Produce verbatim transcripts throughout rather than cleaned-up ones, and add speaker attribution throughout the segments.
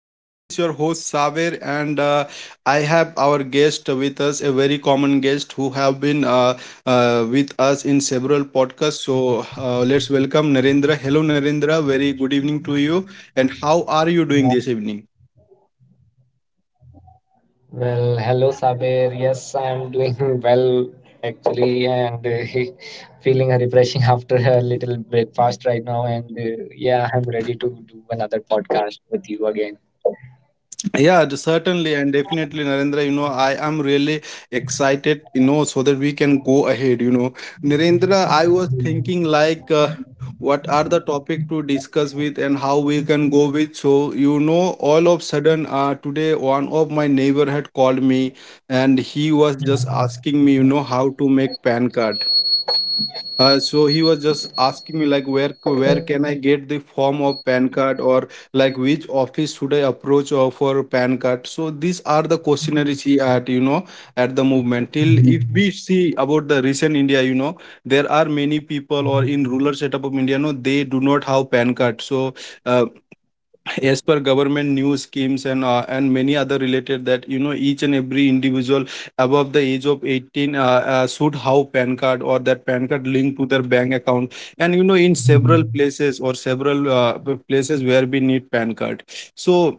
Speaker 1: Uh, this is your host Saver, and uh, I have our guest with us, a very common guest who have been uh, uh, with us in several podcasts. So uh, let's welcome Narendra. Hello, Narendra. Very good evening to you. And how are you doing this evening?
Speaker 2: Well, hello Sabir. Yes, I'm doing well actually, and uh, feeling refreshing after a little breakfast right now. And uh, yeah, I'm ready to do another podcast with you again.
Speaker 1: Yeah, d- certainly and definitely, Narendra. You know, I am really excited, you know, so that we can go ahead. You know, Narendra, I was thinking like, uh, what are the topic to discuss with and how we can go with. So, you know, all of sudden, uh, today one of my neighbor had called me and he was just asking me, you know, how to make pan card. Uh, so he was just asking me like where c- where can I get the form of P A N card or like which office should I approach uh, for P A N card. So these are the questionnaires he had, you know, at the movement. Till if we see about the recent India, you know, there are many people or in rural setup of India, no, they do not have P A N card. So uh, as per government news schemes and uh, and many other related that you know each and every individual above the age of eighteen uh, uh, should have pan card or that pan card linked to their bank account, and you know in several places or several uh, p- places where we need pan card. So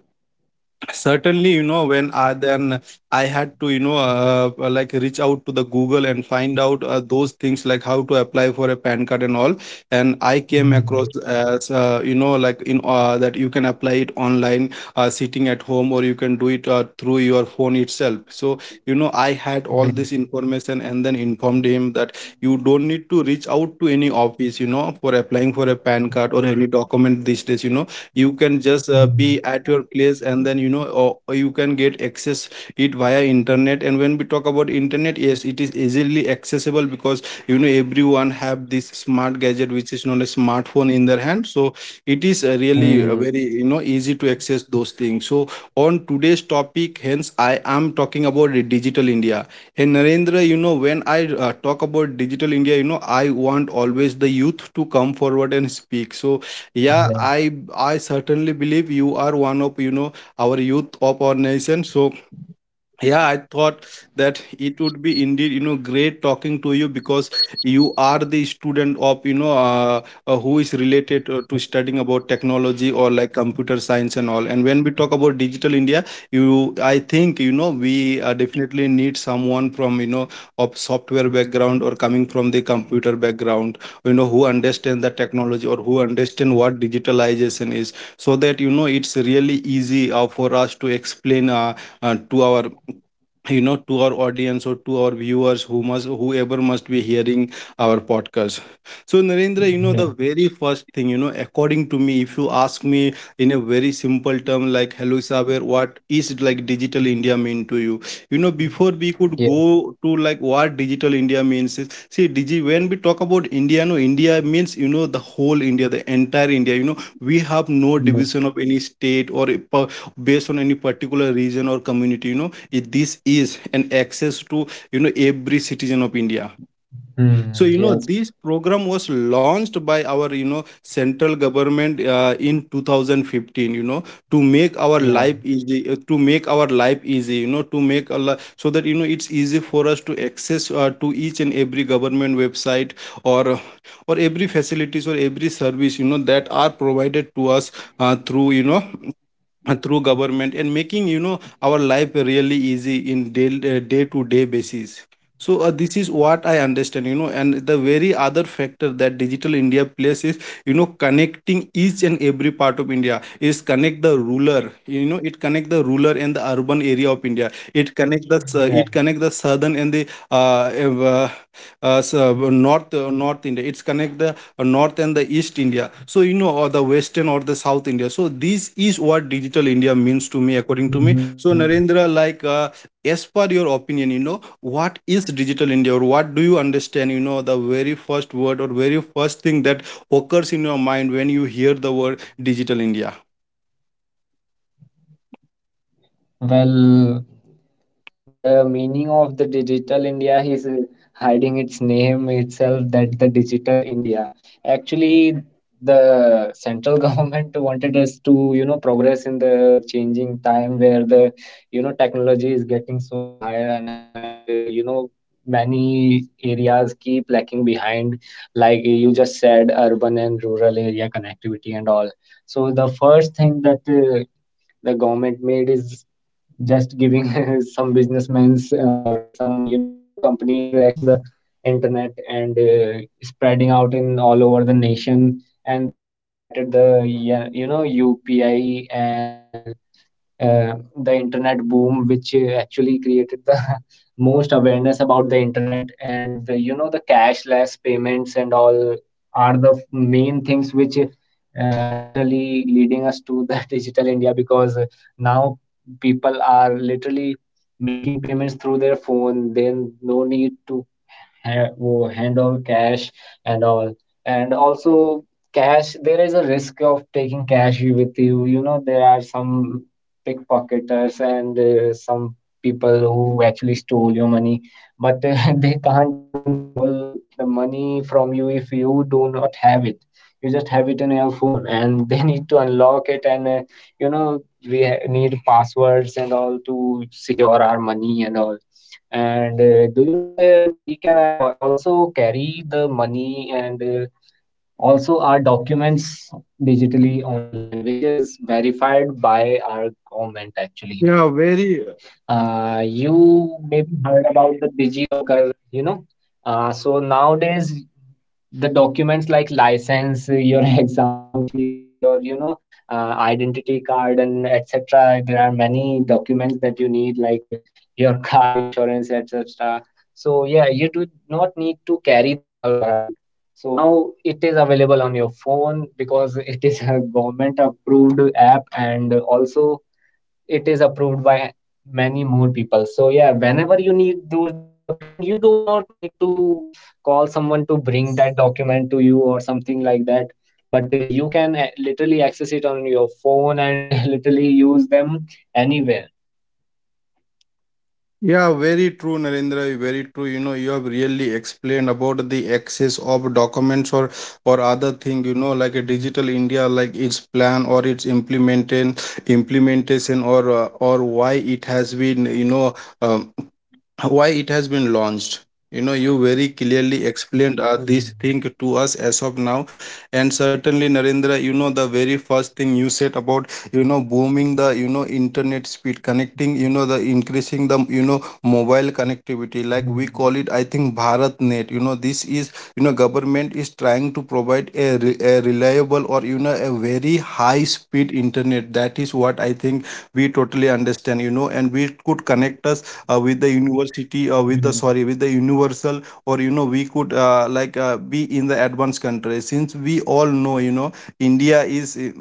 Speaker 1: certainly you know when I then I had to you know uh, uh, like reach out to the google and find out uh, those things like how to apply for a pan card and all, and I came across as uh, you know like in uh, that you can apply it online, uh, sitting at home, or you can do it uh, through your phone itself. So you know I had all this information and then informed him that you don't need to reach out to any office you know for applying for a pan card or any document these days, you know, you can just uh, be at your place and then you know or, or you can get access it via internet. And when we talk about internet, yes it is easily accessible because you know everyone have this smart gadget which is known as smartphone in their hand. So it is uh, really uh, very you know easy to access
Speaker 2: Hmm.
Speaker 1: those things. So on today's topic hence I am talking about the digital india, and narendra you know when I uh, talk about digital india you know I want always the youth to come forward and speak. So yeah i i
Speaker 2: Yeah.
Speaker 1: certainly believe you are one of you know our youth of our nation. So yeah I thought that it would be indeed you know great talking to you because you are the student of you know uh, uh, who is related uh, to studying about technology or like computer science and all. And when we talk about digital india, you I think you know we uh, definitely need someone from you know of software background or coming from the computer background, you know, who understand the technology or who understand what digitalization is, so that you know it's really easy uh, for us to explain uh, uh, to our you know to our audience or to our viewers who must whoever must be hearing our podcast. So narendra you know the very first thing you know according
Speaker 2: Yeah.
Speaker 1: to me if you ask me in a very simple term, like, hello saber, what is like digital india mean to you, you know, before we could go to like what
Speaker 2: Yeah.
Speaker 1: digital india means is- see digi when we talk about india, no, india means you know the whole india, the entire india, you know we have no division of any state or a per-
Speaker 2: Hmm.
Speaker 1: based on any particular region or community. You know it, this is an access to you know every citizen of india. So you know this program was
Speaker 2: Hmm.
Speaker 1: launched by
Speaker 2: Yes.
Speaker 1: our you know central government uh, in two thousand fifteen, you know, to make our life easy, uh, to make our life
Speaker 2: Yeah.
Speaker 1: easy, you know, to make a li- so that you know it's easy for us to access uh, to each and every government website or or every facilities or every service you know that are provided to us uh, through you know uh, through government, and making you know our life really easy in day uh, day to day basis. So uh, this is what I understand you know, and the very other factor that digital india plays is you know connecting each and every part of india, is connect the ruler you know it connect the ruler and the urban area of India. It connects the s- uh, it connect the southern
Speaker 2: Yeah.
Speaker 1: and the uh, ev- uh, uh, s- uh, north uh, North India. It's connect the uh, north and the east India. So you know, or the western or the south India. So this is what digital India means to me, according to me.
Speaker 2: Hmm.
Speaker 1: So Narendra, like uh, as per your opinion, you know, what is digital India or what do you understand? You know, the very first word or very first thing that occurs in your mind when you hear the word digital India.
Speaker 2: Well, the meaning of the digital India is uh, hiding its name itself that the digital India. Actually, the central government wanted us to, you know, progress in the changing time where the, you know, technology is getting so higher and higher and, uh, you know, many areas keep lacking behind like you just said urban and rural area connectivity and all. So the first thing that uh, the government made is just giving some businessmen's or some, you know, companies access to the internet, and uh, spreading out in all over the nation, and then they started the, yeah, you know, UPI, and uh, uh, the internet boom which uh, actually created the most awareness about the internet and the, you know, the cashless payments and all are the f- main things which uh, literally leading us to the digital India. Because uh, now people are literally making payments through their phone, then no need to ha- wo- hand over cash and all. And also cash, there is a risk of taking cash with you, you know. There are some pickpocketers and uh, some people who actually stole your money, but uh, they can't even steal the money from you if you do not have it. You just have it in your phone, and they need to unlock it, and uh, you know, we ha- need passwords and all to secure our money and all. And uh, do you know, there we can uh, al- also carry the money, and uh, also our documents digitally online, which is verified by our government actually.
Speaker 1: Yeah, very.
Speaker 2: Uh, you maybe heard about the DigiLocker, you know. Uh, so nowadays, the documents like license, your exam sheet, your, you know, uh, identity card, and et cetera. There are many documents that you need, like uh, your car insurance, et cetera. So yeah, you do not need to carry them all around. So now it is available on your phone because it is a government approved app, and also it is approved by many more people. So yeah, whenever you need those documents, you do not need to call someone to bring that document to you or something like that, but uh, you can uh, literally access it on your phone and uh, literally use them anywhere.
Speaker 1: Yeah, very true, Narendra. Very true. You know, you have really explained about the access of documents or or other thing. You know, like a digital India, like its plan or its implementation, implementation, or uh, or why it has been. You know, um, why it has been launched, you know, you very clearly explained uh, this thing
Speaker 2: Mm,
Speaker 1: to us as of now. And certainly narendra you know the very first thing you said about you know booming the you know internet speed, connecting you know the increasing the you know mobile connectivity, like we call it I think bharatnet. You know this is you know government is trying to provide a, re- a reliable or you know a very high speed internet, that is what I think we totally understand you know, and we could connect us uh, with the university or
Speaker 2: mm.
Speaker 1: with the sorry with the universal, or you know we could uh, like uh, be in the advanced country since we all know you know india is uh,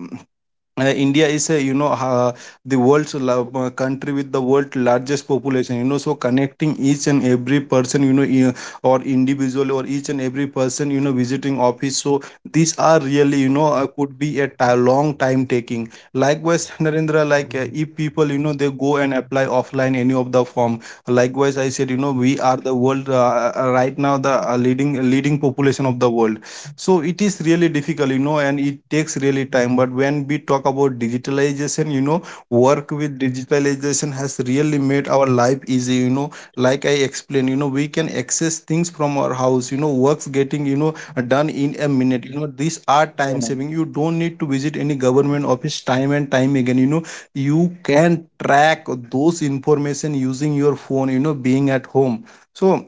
Speaker 1: uh, India is a you know uh, the world's la- uh, country with the world's largest population. You know, so connecting each and every person, you know, I- or individual or each and every person you know visiting office. So these are really you know uh, could be a ti- long time taking, likewise Narendra, like uh, if people you know they go and apply offline any of the form, likewise I said you know we are the world uh, uh, right now the uh, leading leading population of the world. So it is really difficult you know and it takes really time, but when we talk about digitalization you know work with digitalization has really made our life easy, you know, like I explained you know we can access things from our house, you know works getting you know done in a minute. You know these are
Speaker 2: Yeah,
Speaker 1: time saving, you don't need to visit any government office time and time again, you know you can track those information using your phone, you know, being at home. So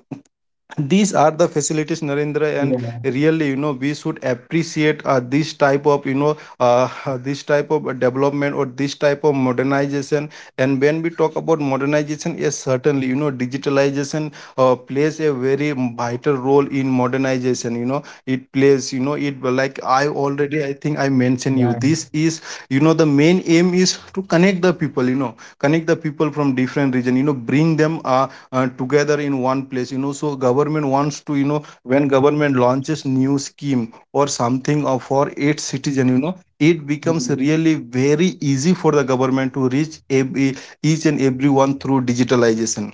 Speaker 1: these are the facilities
Speaker 2: yeah,
Speaker 1: narendra,
Speaker 2: yeah,
Speaker 1: and really you know we should appreciate uh, this type of you know uh, this type of development or this type of modernization. And when we talk about modernization, yes certainly you know digitalization uh, plays a very vital role in modernization, you know it plays you know it like I already I think I
Speaker 2: yeah.
Speaker 1: mentioned you, this is you know the main aim is to connect the people, you know, connect the people from different region, you know, bring them uh, uh, together in one place. You know so government wants to you know when government launches new scheme or something of for its citizen, you know, it
Speaker 2: Mm,
Speaker 1: becomes really very easy for the government to reach ev- each and everyone through digitalization.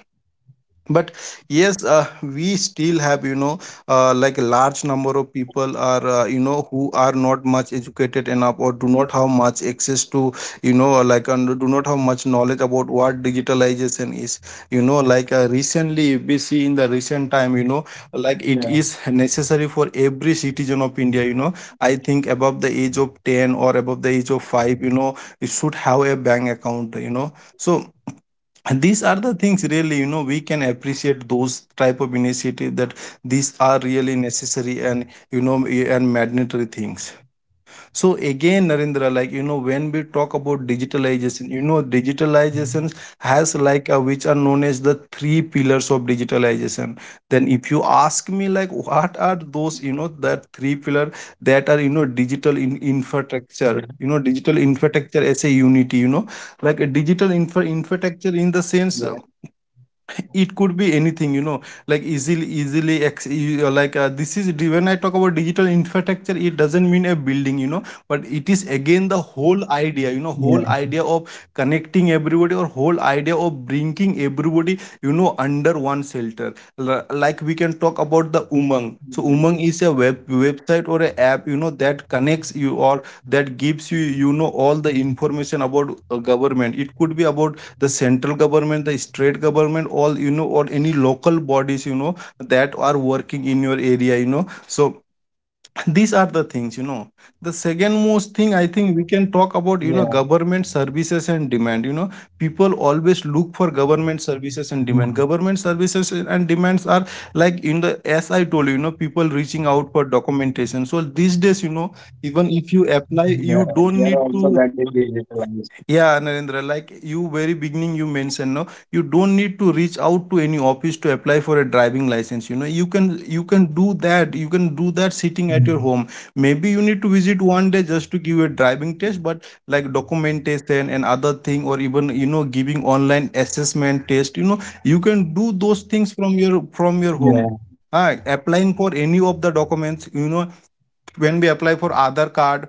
Speaker 1: But yes uh, we still have you know uh, like a large number of people are uh, you know who are not much educated enough or do not have much access to you know uh, like and do not have much knowledge about what digitalization is, you know, like uh, recently if we see in the recent time, you know, like
Speaker 2: yeah,
Speaker 1: it is necessary for every citizen of india, you know I think above the age of ten or above the age of five, you know you should have a bank account. You know, so, and these are the things really you know we can appreciate those type of initiative, that these are really necessary and you know and mandatory things. So again, Narendra, like you know, when we talk about digitalization, you know, digitalization has like uh, which are known as the three pillars of digitalization. Then, if you ask me, like, what are those, you know, that three pillar that are you know digital in infrastructure, you
Speaker 2: yeah,
Speaker 1: know, digital infrastructure as a unity, you know, like a digital infra infrastructure in the sense. Uh,
Speaker 2: yeah,
Speaker 1: it could be anything, you know like easily easily ex- e- uh, like uh, this is when I talk about digital infrastructure. It doesn't mean a building, you know but it is again the whole idea, you know whole
Speaker 2: yeah.
Speaker 1: idea of connecting everybody, or whole idea of bringing everybody, you know under one shelter. L- like we can talk about the Umang. So Umang
Speaker 2: Mm,
Speaker 1: is a web website or a app, you know that connects you, or that gives you, you know all the information about uh, government. It could be about the central government, the state government, all, you know or any local bodies, you know that are working in your area, you know so these are the things, you know the second most thing I think we can talk about, you
Speaker 2: yeah,
Speaker 1: know government services and demand, you know people always look for government services and demand.
Speaker 2: mm,
Speaker 1: Government services and demands are, like, in the as I told you, you know people reaching out for documentation. So these days, you know even if you apply,
Speaker 2: yeah.
Speaker 1: you don't
Speaker 2: They are
Speaker 1: need
Speaker 2: also
Speaker 1: to.
Speaker 2: getting digitalized.
Speaker 1: Yeah, Narendra, like you very beginning you mentioned, no, you don't need to reach out to any office to apply for a driving license. You know, you can you can do that. You can do that sitting at your
Speaker 2: Mm,
Speaker 1: home. Maybe you need to visit one day just to give a driving test, but like documentation and other thing, or even, you know giving online assessment test. You know, you can do those things from your from your
Speaker 2: yeah,
Speaker 1: home. Ah, applying for any of the documents, you know, when we apply for Aadhaar card,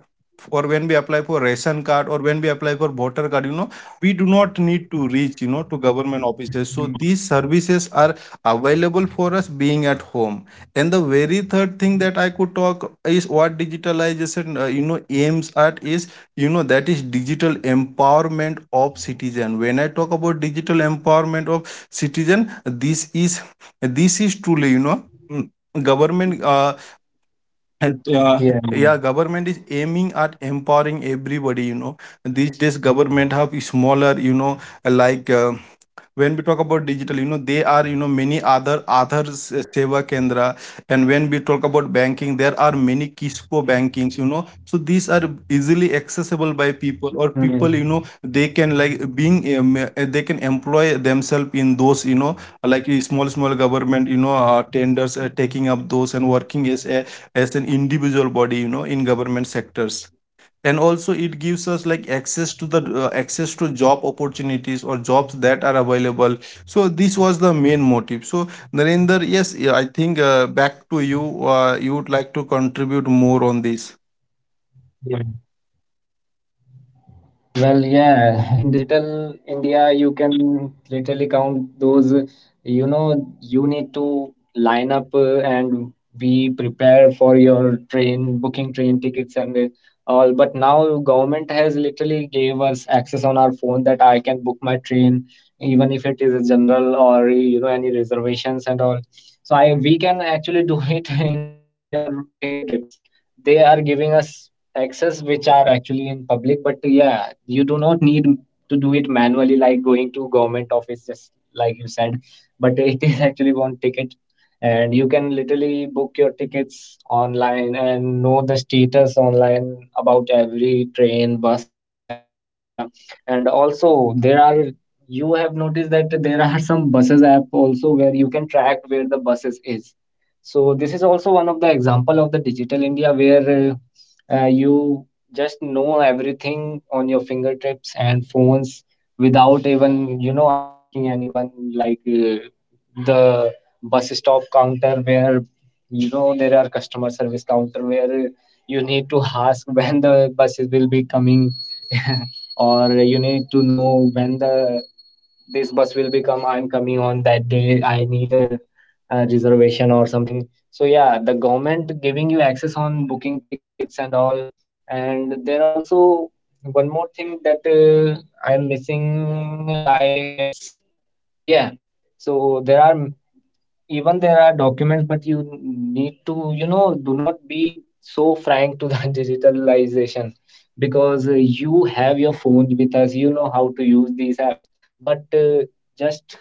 Speaker 1: or when we apply for ration card, or when we apply for voter card, you know, we do not need to reach, you know, to government offices.
Speaker 2: yeah,
Speaker 1: So these services are available for us being at home. And the very third thing that I could talk is what digitalization, uh, you know, aims at is, you know, that is digital empowerment of citizen. When I talk about digital empowerment of citizen, this is this is truly, you know. mm, Government uh, and,
Speaker 2: yeah,
Speaker 1: uh,
Speaker 2: yeah,
Speaker 1: yeah, government is aiming at empowering everybody, you know these days. Government have smaller, you know like uh, when we talk about digital, you know there are, you know many other other se- seva kendra. And when we talk about banking, there are many kisco bankings, you know so these are easily accessible by people or people,
Speaker 2: mm,
Speaker 1: you know they can, like, being um, uh, they can employ themselves in those, you know like a small small government, you know uh, tenders, uh, taking up those and working as a as an individual body, you know in government sectors. And also it gives us like access to the uh, access to job opportunities, or jobs that are available. So this was the main motive. So Narendra, yes, yeah, I think, uh, back to you. Uh, you would like to contribute more on this.
Speaker 2: yeah. Well, yeah, in digital India, you can literally count those. You know, you need to line up uh, and be prepared for your train booking, train tickets, and uh, all. But now, government has literally gave us access on our phone that I can book my train, even if it is a general or, you know, any reservations and all. So I we can actually do it in your fingertips. They are giving us access which are actually in public, but yeah, you do not need to do it manually like going to government office, just like you said. But it is actually one ticket, and you can literally book your tickets online and know the status online about every train, bus, and etc. And also there are, you have noticed that there are some buses app also where you can track where the buses is. So this is also one of the example of the digital India, where uh, uh, you just know everything on your fingertips and phones without even, you know, asking anyone like uh, the bus stop counter, where you know there are customer service counter where you need to ask when the buses will be coming, or you need to know when the this bus will become, I'm coming on that day, I need a, a reservation or something. So yeah, the government giving you access on booking tickets and all. And there are also one more thing that uh, I'm missing, I guess. Yeah. So there are m- even there are documents, but you need to, you know, do not be so frank to the digitalization, because uh, you have your phone with us, you know how to use these apps. But uh, just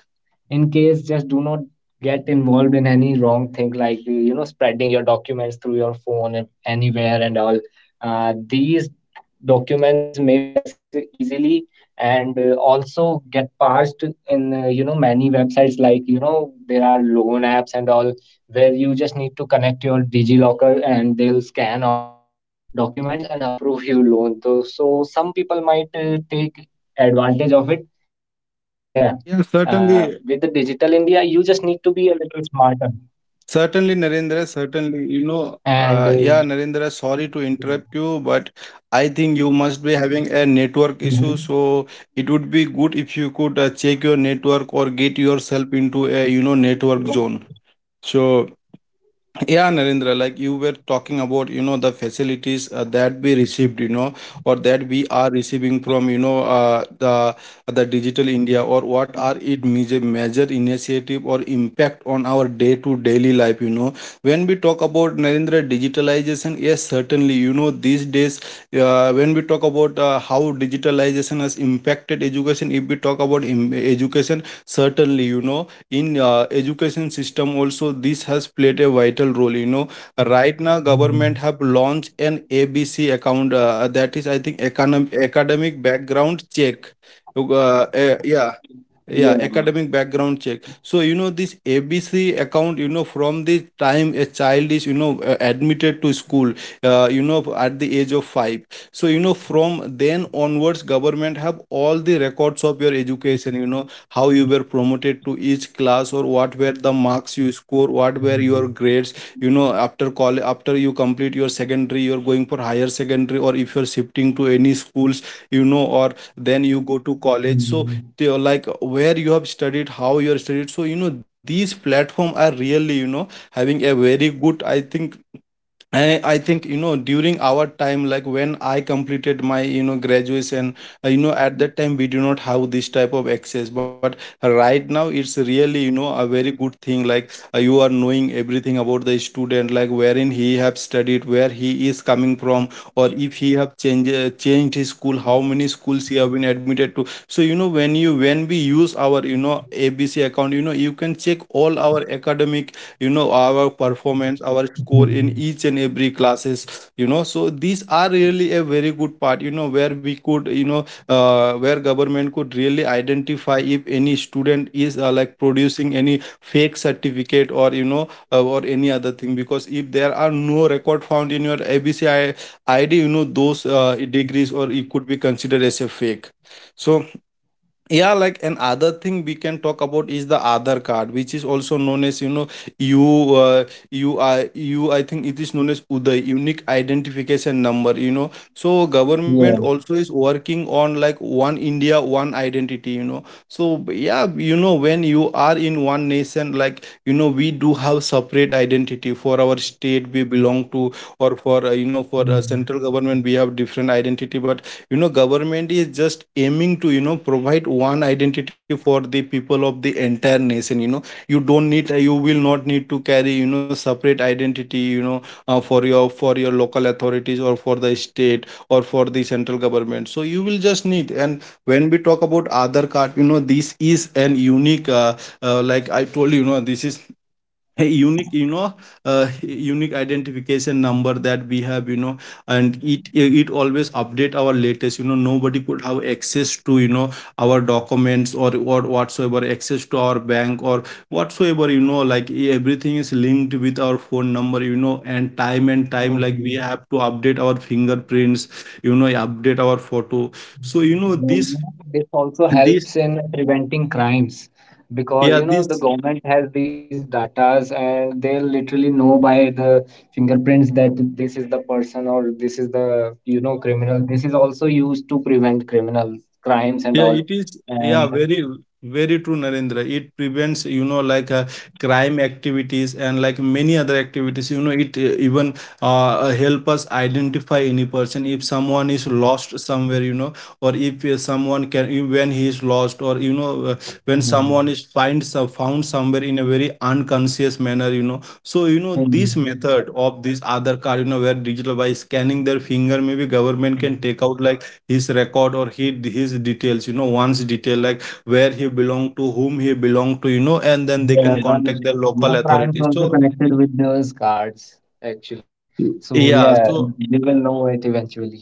Speaker 2: in case just do not get involved in any wrong thing like, uh, you know, spreading your documents through your phone and anywhere and all. Uh, these documents may be accessed easily, and uh, also get passed in, uh, you know, many websites like, you know, there are loan apps and all where you just need to connect your DigiLocker and they'll scan all your documents and approve you loan. So, so some people might uh, take advantage of it. So yeah,
Speaker 1: Yeah,
Speaker 2: uh,
Speaker 1: certainly,
Speaker 2: with the digital India, you just need to be a little smarter,
Speaker 1: certainly, Narendra, certainly. You know, uh,
Speaker 2: and uh,
Speaker 1: yeah, Narendra, sorry to interrupt you, but I think you must be having a network issue.
Speaker 2: Mhm.
Speaker 1: So it would be good if you could, uh, check your network, or get yourself into a, you know, network zone. So yeah, Narendra, like you were talking about, you know, the facilities uh, that we received, you know, or that we are receiving from, you know, uh, the the Digital India, or what are it major major initiative or impact on our day to daily life, you know. When we talk about Narendra digitalization, yes, certainly, you know, these days, uh, when we talk about uh, how digitalization has impacted education, if we talk about im- education, certainly, you know, in uh, education system also, this has played a vital role you know Right now government have launched an ABC account, uh, that is, I think, economic academic background check, uh, uh, eh, yeah, yeah,
Speaker 2: Yeah.
Speaker 1: academic background check. So, you know this ABC account, you know from the time a child is, you know uh, admitted to school, uh, you know at the age of five. So, you know from then onwards, government have all the records of your education, you know how you were promoted to each class, or what were the marks you score, what were your grades, you know after college, after you complete your secondary, you're going for higher secondary, or if you're shifting to any schools, you know or then you go to college. So the-
Speaker 2: Mhm.
Speaker 1: like where you have studied, how you are studied. So, you know these platform are really, you know having a very good, I think. I, I think, you know during our time, like when I completed my, you know graduation, uh, you know at that time we do not have this type of access. But right now, it's really, you know a very good thing. Like, uh, you are knowing everything about the student, like wherein he have studied, where he is coming from, or if he have changed uh, changed his school, how many schools he have been admitted to. So, you know when you when we use our, you know ABC account, you know you can check all our academic, you know our performance, our score in each and every classes, you know so these are really a very good part, you know where we could, you know uh, where government could really identify if any student is, uh, like, producing any fake certificate, or, you know uh, or any other thing, because if there are no record found in your ABC ID, you know those, uh, degrees, or it could be considered as a fake. So yeah, like, another thing we can talk about is the other card, which is also known as, you know you uh, you i you I think it is known as Uday, unique identification number, you know so government also is
Speaker 2: Yeah.
Speaker 1: working on, like, one India, one identity, you know so yeah, you know when you are in one nation, like, you know we do have separate identity for our state we belong to, or for, uh, you know for uh, central government, we have different identity. But you know government is just aiming to, you know provide one identity for the people of the entire nation you know you don't need, uh, you will not need to carry, you know separate identity, you know uh, for your for your local authorities, or for the state, or for the central government. So you will just need. And when we talk about other card, you know this is an unique, uh, uh, like I told you, you know this is a unique you know uh, unique identification number that we have you know and it it always update our latest, you know nobody could have access to, you know our documents, or or whatsoever access to our bank, or whatsoever, you know like everything is linked with our phone number, you know and time and time, like, we
Speaker 2: Mhm.
Speaker 1: have to update our fingerprints, you know update our photo. So, you know
Speaker 2: Well, you
Speaker 1: this
Speaker 2: know, this also
Speaker 1: this
Speaker 2: helps in preventing crimes,
Speaker 1: yeah
Speaker 2: because you know the
Speaker 1: this
Speaker 2: government has these datas and they literally know by the fingerprints that this is the person or this is the, you know, criminal. This is also used to prevent criminal crimes and
Speaker 1: Yeah,
Speaker 2: all.
Speaker 1: it is. Yeah,
Speaker 2: And
Speaker 1: very, very true, Narendra. It prevents, you know, like uh, crime activities, and like many other activities. You know, it, uh, even, uh, help us identify any person if someone is lost somewhere. You know, or if, uh, someone can if- when he is lost, or, you know, uh, when someone
Speaker 2: mm,
Speaker 1: is find some found somewhere in a very unconscious manner. You know, so, you know this
Speaker 2: mm,
Speaker 1: method of this other card. You know, where digital, by scanning their finger, maybe government can take out like his record, or he, his details, you know one's detail, like where he belonged to, whom he belonged to, you know and then they
Speaker 2: yeah,
Speaker 1: can
Speaker 2: well, it-
Speaker 1: contact their
Speaker 2: you know,
Speaker 1: local
Speaker 2: crimes
Speaker 1: authorities.
Speaker 2: also
Speaker 1: So
Speaker 2: connected with those cards actually. So
Speaker 1: yeah,
Speaker 2: yeah,
Speaker 1: so.
Speaker 2: they will know it eventually.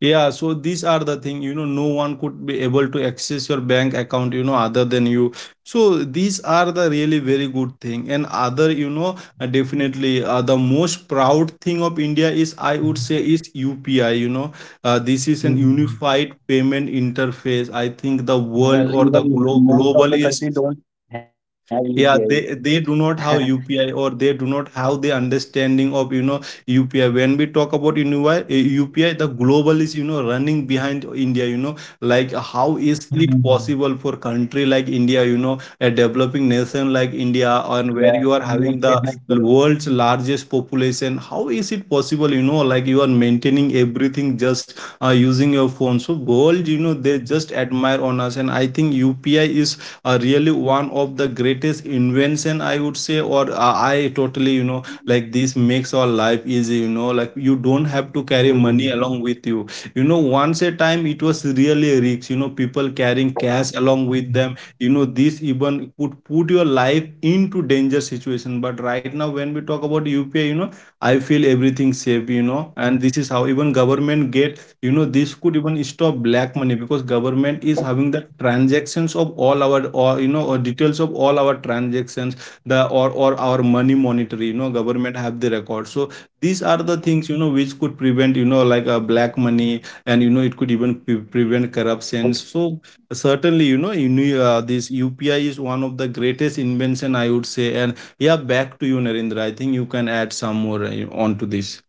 Speaker 1: Yeah, so these are the thing, you know, no one could be able to access your bank account, you know, other than you. So these are the really very good thing. And other, you know, uh, definitely, uh, the most proud thing of India is, I would say, is U P I, you know. Uh, this is an
Speaker 2: Mm.
Speaker 1: unified payment interface. I think the
Speaker 2: Well,
Speaker 1: world or the
Speaker 2: even
Speaker 1: glo-
Speaker 2: most of the
Speaker 1: global
Speaker 2: country
Speaker 1: is.
Speaker 2: don't have U P I.
Speaker 1: Yeah, they they do not have UPI, or they do not have the understanding of, you know UPI. When we talk about, you know, why- eh, UPI, the global is, you know running behind India, you know like how is it
Speaker 2: Hmm.
Speaker 1: possible for country like India, you know a developing nation like India,
Speaker 2: Yeah,
Speaker 1: and where you are
Speaker 2: make
Speaker 1: having
Speaker 2: payment.
Speaker 1: the
Speaker 2: with-
Speaker 1: world's largest population? How is it possible, you know like you are maintaining everything just uh, using your phone? So world, you know they just admire on us. And I think UPI is uh, really one of the greatest invention, I would say. Or uh, I totally, you know like this makes our life easy, you know like you don't have to carry
Speaker 2: Hmm.
Speaker 1: money along with you. You know once a time it was really rich, you know people carrying cash along with them, you know this even could put your life into danger situation. But right now when we talk about UPI, you know I feel everything safe, you know and this is how even government get, you know, this could even stop black money, because government is having the transactions of all our, or, you know, or details of all our transactions, the or or our money monetary. You know, government have the record. So these are the things, you know which could prevent, you know like uh, black money, and, you know it could even pre- prevent corruptions. So certainly, you know you knew, uh, this U P I is one of the greatest invention, I would say. And yeah, back to you, Narendra. I think you can add some more uh, on to this.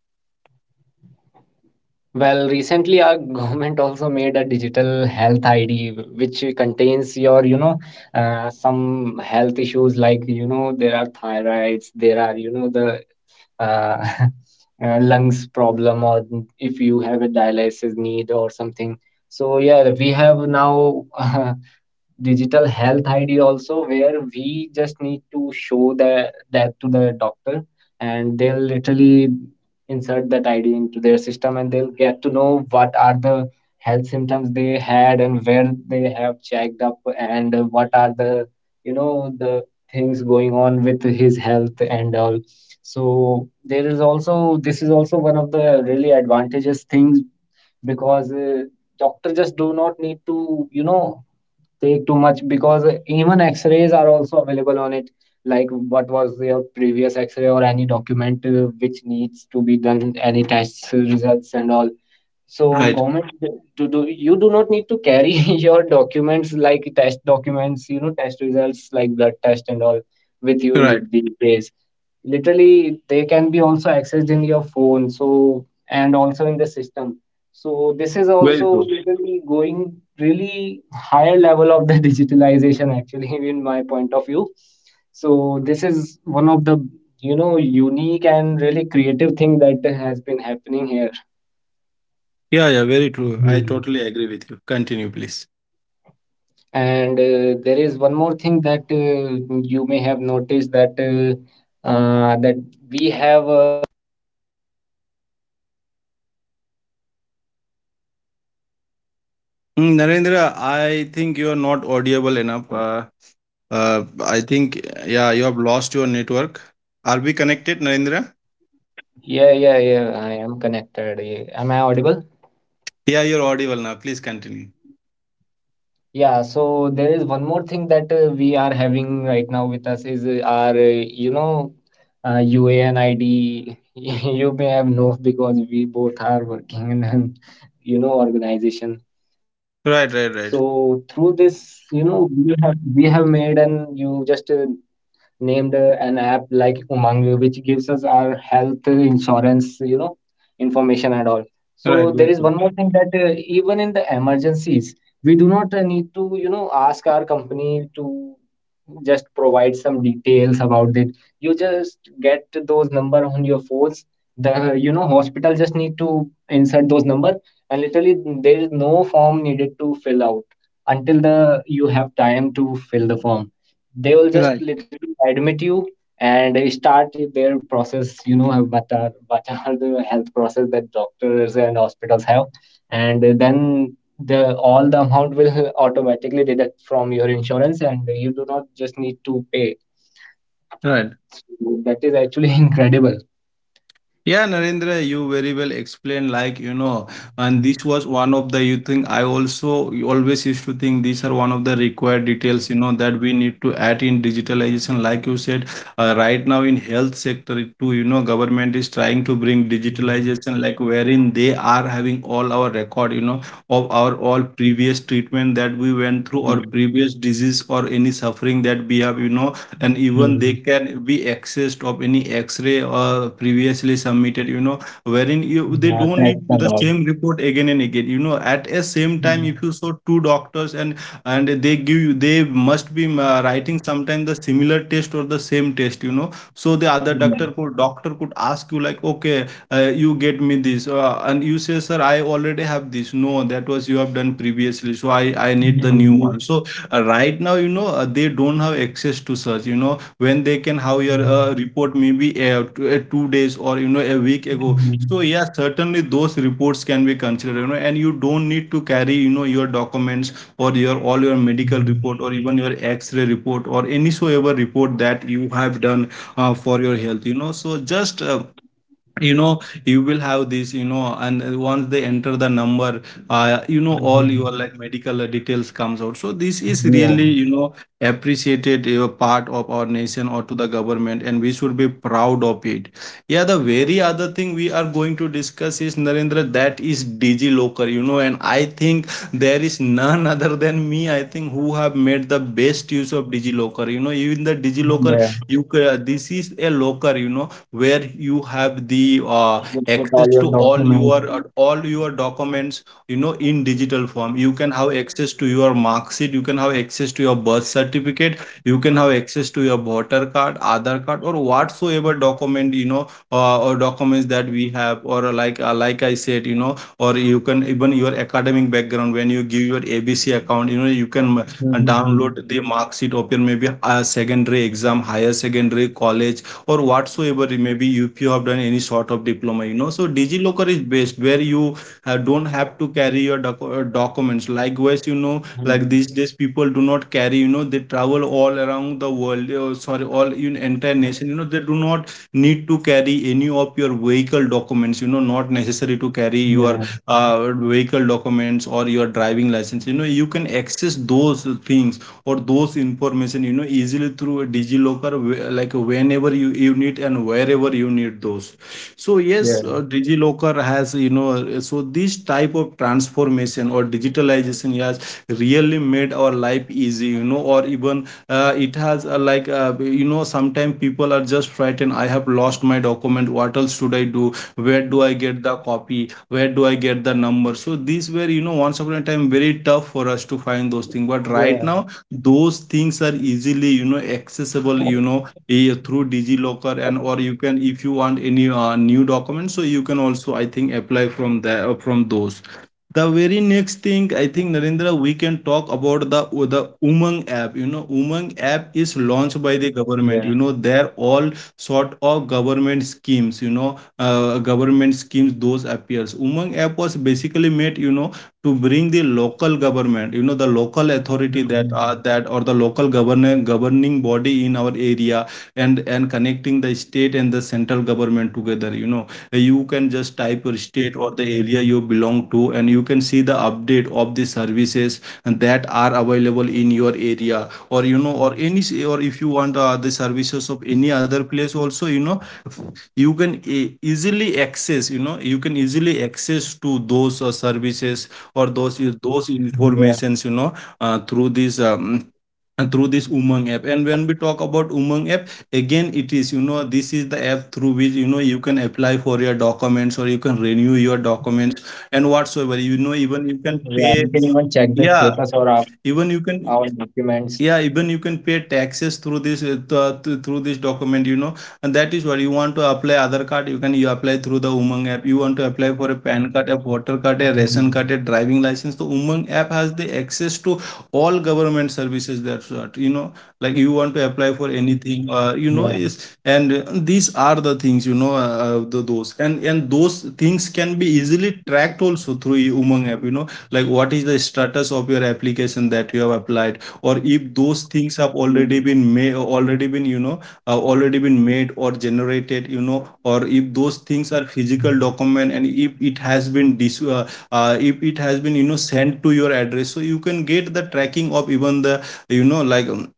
Speaker 2: Well, recently our government also made a digital health I D which contains your, you know, uh, some health issues like, you know, there are thyroids, there are, you know, the uh, uh, lungs problem, or n- if you have a dialysis need or something. So, yeah, we have now digital health I D also, where we just need to show that that to the doctor, and they'll literally insert that I D into their system, and they'll get to know what are the health symptoms they had and where they have checked up, and uh, what are the, you know, the things going on with his health and all. So there is also, this is also one of the really advantageous things, because uh, doctor just do not need to, you know, take too much because even x-rays are also available on it, like what was your previous x-ray or any document uh, which needs to be done, any tests uh, results and all. So
Speaker 1: Right.
Speaker 2: government, do, do you do not need to carry your documents, like test documents, you know, test results like blood test and all with
Speaker 1: Right.
Speaker 2: you these days. Literally, they can be also accessed in your phone. So and also in the system. So this is
Speaker 1: Very
Speaker 2: also
Speaker 1: true.
Speaker 2: literally going really higher level of the digitalization actually in my point of view. So this is one of the, you know, unique and really creative thing that has been happening here.
Speaker 1: Yeah, yeah, very true. I totally agree with you. Continue, please.
Speaker 2: And uh, there is one more thing that uh, you may have noticed that uh, uh, that we have. Uh,
Speaker 1: Mm, Narendra, I think you are not audible enough. Uh, uh, I think, yeah, you have lost your network. Are we connected, Narendra?
Speaker 2: yeah, yeah, yeah. I am connected. Eh, am I audible?
Speaker 1: Yeah, you're audible now. Please continue.
Speaker 2: Yeah. So there is one more thing that uh, we are having right now with us is uh, our uh, you know uh, U A N I D. You may have known because we both are working in an, you know, organization.
Speaker 1: Right,
Speaker 2: So
Speaker 1: right,
Speaker 2: through
Speaker 1: right.
Speaker 2: this, you know, we have we have made, and you just uh, named uh, an app like Umang, which gives us our health insurance, you know, information and all. So
Speaker 1: Right,
Speaker 2: there
Speaker 1: very
Speaker 2: is
Speaker 1: true.
Speaker 2: one more thing that, uh, even in the emergencies, we do not uh, need to, you know, ask our company to just provide some details about it. You just get those number on your phones. The, you know, hospital just need to insert those number, and literally there is no form needed to fill out until the you have time to fill the form, they will just
Speaker 1: Right.
Speaker 2: literally admit you, and they start their process, you know, what are what are the health process that doctors and hospitals have, and then the all the amount will automatically deduct from your insurance, and you do not just need to pay.
Speaker 1: Right.
Speaker 2: So that is actually incredible.
Speaker 1: Yeah, Narendra, you very well explained, like, you know, and this was one of the, you think, I also always used to think these are one of the required details, you know, that we need to add in digitalization. Like you said, uh, right now in health sector it too, you know, government is trying to bring digitalization, like wherein they are having all our record, you know, of our all previous treatment that we went through or
Speaker 2: Mm,
Speaker 1: previous disease or any suffering that we have, you know, and even they
Speaker 2: mm.
Speaker 1: can be accessed of any x-ray or previously submitted, you know wherein you they
Speaker 2: Yeah,
Speaker 1: don't need
Speaker 2: that's a
Speaker 1: the
Speaker 2: lot.
Speaker 1: same report again and again, you know at a same time
Speaker 2: Mm,
Speaker 1: if you saw two doctors. And and they give you, they must be uh, writing sometimes the similar test or the same test you know So the other
Speaker 2: yeah.
Speaker 1: doctor could doctor could ask you, like, okay, uh, you get me this, uh, and you say, sir, I already have this. No, that was you have done previously, so i i need the new one. So uh, right now, you know uh, they don't have access to such, you know when they can have your uh, report maybe uh, t- uh, two days or, you know a week ago. So
Speaker 2: Mm,
Speaker 1: yeah, certainly those reports can be considered, you know and you don't need to carry, you know your documents or your all your medical report or even your x-ray report or any so ever report that you have done uh, for your health, you know. So just uh, you know you will have this, you know and uh, once they enter the number, uh, you know all your like medical uh, details comes out. So this is really,
Speaker 2: yeah.
Speaker 1: you know appreciated uh, part of our nation or to the government, and we should be proud of it. Yeah, the very other thing we are going to discuss is, Narendra, that is DigiLocker, you know. And I think there is none other than me, I think, who have made the best use of DigiLocker, you know. Even the DigiLocker,
Speaker 2: Yeah.
Speaker 1: you ca- this is a locker, you know, where you have the uh,
Speaker 2: You put
Speaker 1: access
Speaker 2: all
Speaker 1: to
Speaker 2: your
Speaker 1: all
Speaker 2: documents.
Speaker 1: your, uh, all your documents, you know, in digital form. You can have access to your mark sheet. You can have access to your birth certificate. You can have access to your voter card, Aadhaar card, or whatsoever document, you know uh, or documents that we have. Or uh, like uh, like I said, you know or you can even your academic background when you give your A B C account, you know you can uh,
Speaker 2: Mm, mm,
Speaker 1: download the mark sheet of your maybe uh, secondary exam, higher secondary college, or whatsoever it may be, if you have done any sort of diploma, you know. So DigiLocker is best where you uh, don't have to carry your doc- uh, documents likewise, you know, like these
Speaker 2: mm.
Speaker 1: days people do not carry, you know they travel all around the world, uh, sorry, all in entire nation, you know, they do not need to carry any of your vehicle documents, you know not necessary to carry
Speaker 2: Yeah,
Speaker 1: your uh, vehicle documents or your driving license. You know you can access those things or those information, you know easily through DigiLocker, wh- like whenever you, you need, and wherever you need those. So yes, uh,
Speaker 2: yeah,
Speaker 1: DigiLocker has, you know uh, so this type of transformation or digitalization has really made our life easy, you know. Or even, uh, it has, uh, like uh, you know sometimes people are just frightened, I have lost my document, what else should I do, where do I get the copy, where do I get the number? So these were, you know once upon a time, very tough for us to find those things. But right
Speaker 2: yeah,
Speaker 1: now those things are easily, you know accessible, you know eh, through DigiLocker. And or you can, if you want any uh, new documents, so you can also, I think, apply from there, from those. The very next thing, I think, Narendra, we can talk about the the Umang app, you know. Umang app is launched by
Speaker 2: yeah.
Speaker 1: the government, you know, they're all sort of government schemes, you know uh, government schemes. Those appears Umang app was basically made, you know to bring the local government, you know, the local authority that uh,
Speaker 2: Mhm,
Speaker 1: that or the local governor governing body in our area. And and connecting the state and the central government together, you know, you can just type your
Speaker 2: mhm.
Speaker 1: state or the area you belong to, and you can see the update of the services that are available in your area or, you know or any, or if you want uh, the services of any other place also, you know you can e- easily access, you know you can easily access to those uh, services or those uh,
Speaker 2: Yeah,
Speaker 1: those informations, you know uh, through this um, and through this Umang app. And when we talk about Umang app, again it is, you know this is the app through which, you know you can apply for your documents or you can renew your documents and whatsoever.
Speaker 2: yeah.
Speaker 1: You
Speaker 2: We
Speaker 1: know
Speaker 2: can
Speaker 1: even
Speaker 2: even
Speaker 1: you
Speaker 2: check
Speaker 1: can
Speaker 2: the
Speaker 1: pay.
Speaker 2: status or our,
Speaker 1: Yeah,
Speaker 2: our
Speaker 1: even you
Speaker 2: documents.
Speaker 1: can yeah even you can pay taxes through this uh, th- uh, th- through this document, you know. And that is what, you want to apply other card, you can you apply through the Umang app. You want to apply for a PAN card,
Speaker 2: Mhm,
Speaker 1: a voter card, a ration card, a driving license, the Umang app has the access to all government services. That's what, you know, like you want to apply for
Speaker 2: yeah.
Speaker 1: anything, uh, you know is. And uh, these are the things, you know uh, uh, the, those, and and those things can be easily tracked also through Umang app, you know. Like what is the status of your application that you have applied, or if those
Speaker 2: Mm,
Speaker 1: things have already been made, already been, you know uh, already been made or generated, you know or if those things are physical document, and if it has been, dis- uh, uh, if it has been, you know sent to your address, so you can get the tracking of even the, you know like um,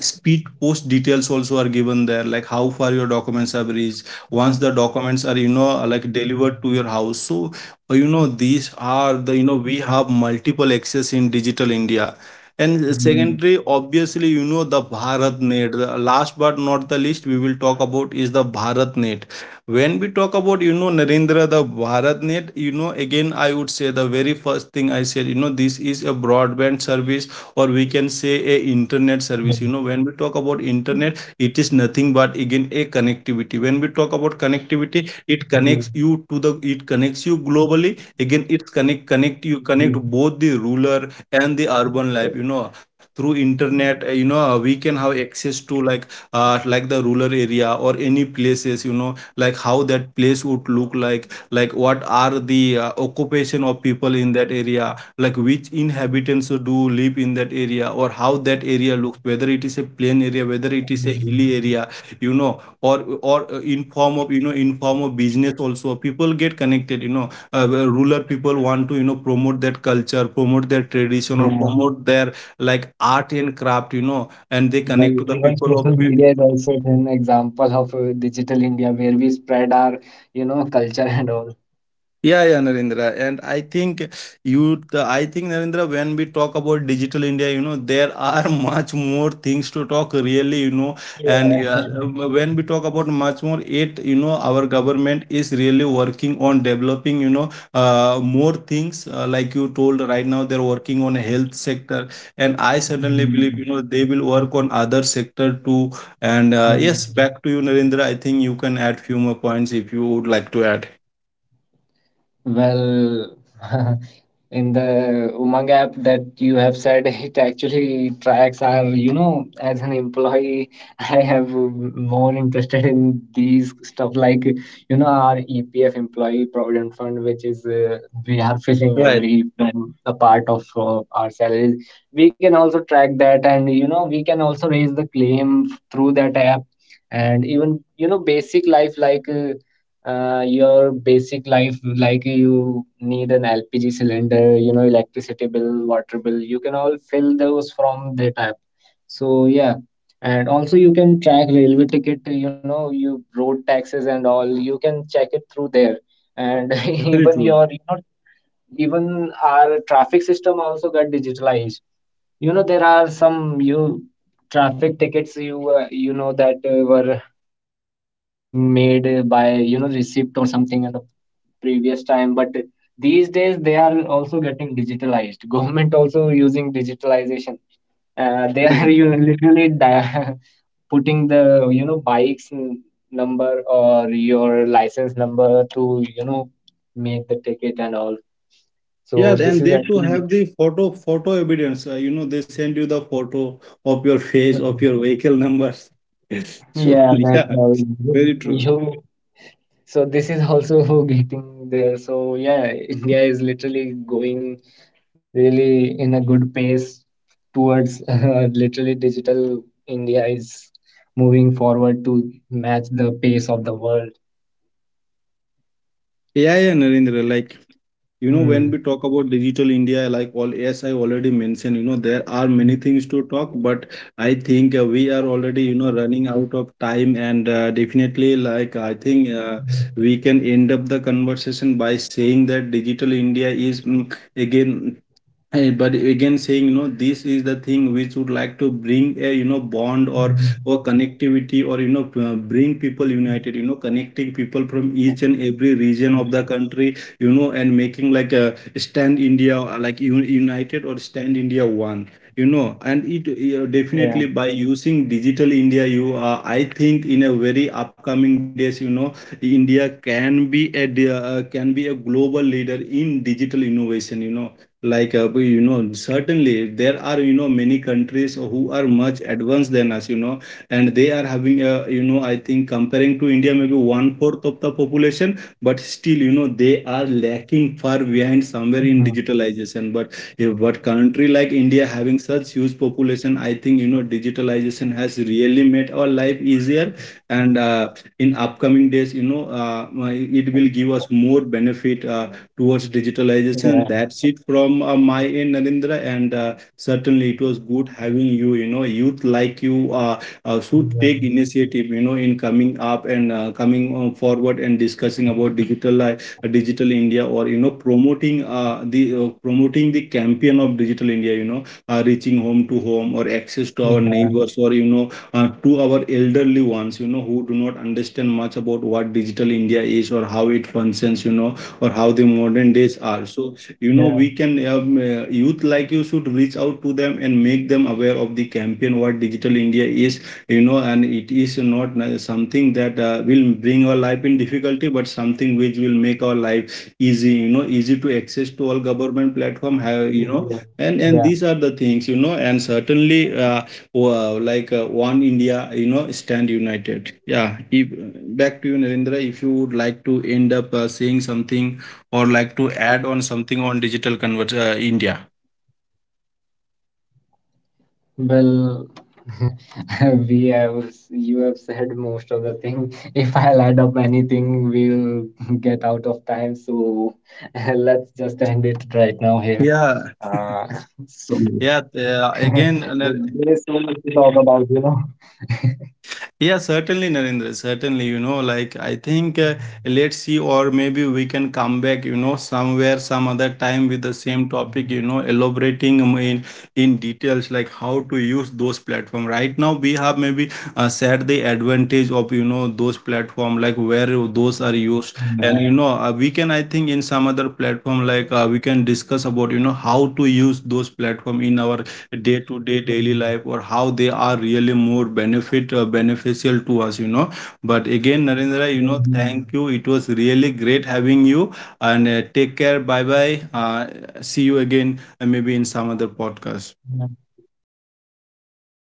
Speaker 1: speed post details also are given there, like how far your documents have reached. Once the documents are, you know like delivered to your house, so uh, you know these are the, you know we have multiple access in digital India. And
Speaker 2: mm,
Speaker 1: secondary, obviously, you know the Bharatnet, the last but not the least we will talk about is the Bharatnet. When we talk about, you know Narendra, the Bharatnet, you know again I would say, the very first thing I said, you know this is a broadband service, or we can say a internet service, you know. When we talk about internet, it is nothing but again a connectivity. When we talk about connectivity, it
Speaker 2: mm,
Speaker 1: connects you to the, it connects you globally. Again, it's connect connect you
Speaker 2: mm.
Speaker 1: connect, both the rural and the urban life, you know, through internet, uh, you know uh, we can have access to like, uh, like the rural area or any places, you Know like how that place would look like like what are the uh, occupation of people in that area, like which inhabitants do live in that area, or how that area looks, whether it is a plain area, whether it is a hilly area, you know, or or uh, in form of, you know, in form of business, also people get connected, you know, uh, uh, rural people want to, you know, promote that culture, promote their tradition, or
Speaker 2: Yeah.
Speaker 1: promote their like art and craft, you know, and they connect
Speaker 2: Well,
Speaker 1: to the
Speaker 2: even
Speaker 1: people of.
Speaker 2: social media is also an example of uh, digital India where we spread our, you know, culture and all.
Speaker 1: Yeah, yeah, Narendra. And I think you, I think Narendra, when we talk about digital India, you know, there are much more things to talk really, you know, and yeah,
Speaker 2: Yeah.
Speaker 1: when we talk about much more, it, you know, our government is really working on developing, you know, uh, more things uh, like you told right now, they're working on health sector. And I certainly believe, you
Speaker 2: Mm,
Speaker 1: know, they will work on other sector too. And uh, yes,
Speaker 2: mm.
Speaker 1: back to you, Narendra. I think you can add few more points if you would like to add.
Speaker 2: Well, in the Umang app that you have said, it actually tracks our, you know, as an employee, I have um, more interested in these stuff like, you know, our E P F employee provident fund, which is uh, we are filling
Speaker 1: Right.
Speaker 2: every um, a part of uh, our salaries. We can also track that, and you know, we can also raise the claim through that app, and even, you know, basic life like. Uh, uh, your basic life like you need an L P G cylinder, you know, electricity bill, water bill, you can all fill those from that app. So yeah, and also you can track railway ticket, you know, you road taxes and all, you can check it through there. And
Speaker 1: Very
Speaker 2: even
Speaker 1: true.
Speaker 2: your, you know, even our traffic system also got digitalized. You know, there are some you traffic tickets, you, uh, you know, that uh, were being made uh, by, you know, receipt or something and previous time, but these days they are also getting digitalized. Government also using digitalization, uh, they are
Speaker 1: Right.
Speaker 2: you literally di- putting the, you know, bikes n- number or your license number to, you know, make the ticket and all.
Speaker 1: Yeah,
Speaker 2: So this
Speaker 1: and
Speaker 2: is
Speaker 1: they too
Speaker 2: actually
Speaker 1: have the photo photo evidence. Uh, you know, they send you the photo of your face, of your vehicle numbers. So
Speaker 2: yeah, that's
Speaker 1: yeah,
Speaker 2: all.
Speaker 1: very true.
Speaker 2: You, so this is also getting there. So yeah, India is literally going really in a good pace towards uh, literally digital India is moving forward to match the pace of the world.
Speaker 1: Yeah, yeah, Narendra. Like you know, when
Speaker 2: Hmm.
Speaker 1: we talk about digital India, like all as I already mentioned, you know, there are many things to talk, but I think uh, we are already, you know, running out of time, and uh, definitely, like I think uh, we can end up the conversation by saying that digital India is, mm, again, Eh, but again saying, you know, this is the thing which would like to bring a, you know, bond or or connectivity, or you know, uh, bring people united, you know, connecting people from each and every region of
Speaker 2: Mm.
Speaker 1: the country, you know, and making like a stand India, uh, like un- united or stand India one. You know, and it, you know,
Speaker 2: Yeah.
Speaker 1: definitely by using digital India you, uh, I think in a very upcoming days, you know, India can be a di- uh, can be a global leader in digital innovation, you know, like uh, we- you know, certainly there are, you know, many countries who are much advanced than us, you know, and they are having a, you know, I think comparing to India, maybe one fourth of the population, but still, you know, they are lacking far behind somewhere in
Speaker 2: Mhm.
Speaker 1: digitalization, but yeah, but country like India having such huge population, I think, you know, digitalization has really made our life easier. And uh, in upcoming days, you know, uh, my- it will give us more benefit uh, towards
Speaker 2: Yeah.
Speaker 1: digitalization. That's it from uh, my end, Narendra. And uh, certainly, it was good having you. You know, youth like you uh, uh, should
Speaker 2: Yeah.
Speaker 1: take initiative. You know, in coming up and uh, coming uh, forward and discussing about digital uh, digital India, or you know, promoting uh, the uh, promoting the campaign of digital India. You know, uh, reaching home
Speaker 2: Yeah.
Speaker 1: to home, or access to our neighbors, or you know uh, to our elderly ones, you know, who do not understand much about what digital India is or how it functions, you know, or how the modern
Speaker 2: Yeah.
Speaker 1: days are. So you know, we can um, uh, youth like you should reach out to them and make them aware of the campaign what digital India is, you know. And it is not uh, something that uh, will bring our life in difficulty, but something which will make our life easy, you know, easy to access to all government platform have, you know. And and these are the things, you know, and certainly
Speaker 2: Yeah.
Speaker 1: uh,
Speaker 2: Yeah.
Speaker 1: uh, like uh, one India, you know, stand united. Yeah. If, back to you, Narendra, if you would like to end up uh, saying something or like to add on something on digital convert uh, India.
Speaker 2: Well, we have you have said most of the thing. If I'll add up anything, we'll get out of time. So let's just end it right now here. Uh,
Speaker 1: Yeah.
Speaker 2: so
Speaker 1: Yeah. uh,
Speaker 2: there's so
Speaker 1: again,
Speaker 2: much to
Speaker 1: uh,
Speaker 2: talk about, you know.
Speaker 1: Yeah, certainly, Narendra. Certainly, you know, like I think uh, let's see, or maybe we can come back, you know, somewhere, some other time with the same topic, you know, elaborating um, in in details like how to use those platform. Right now, we have maybe uh, said the advantage of, you know, those platform, like where those are
Speaker 2: Yeah.
Speaker 1: used, and you know, uh, we can I think in some other platform, like uh, we can discuss about, you know, how to use those platform in our day to day daily life, or how they are really more benefit uh, beneficial to us, you know. But again, Narendra,
Speaker 2: Mhm.
Speaker 1: you know, thank you. It was really great having you. And uh, take care, bye bye, uh, see you again uh, maybe in some other podcast.
Speaker 2: Yeah, bye bye, Sabir.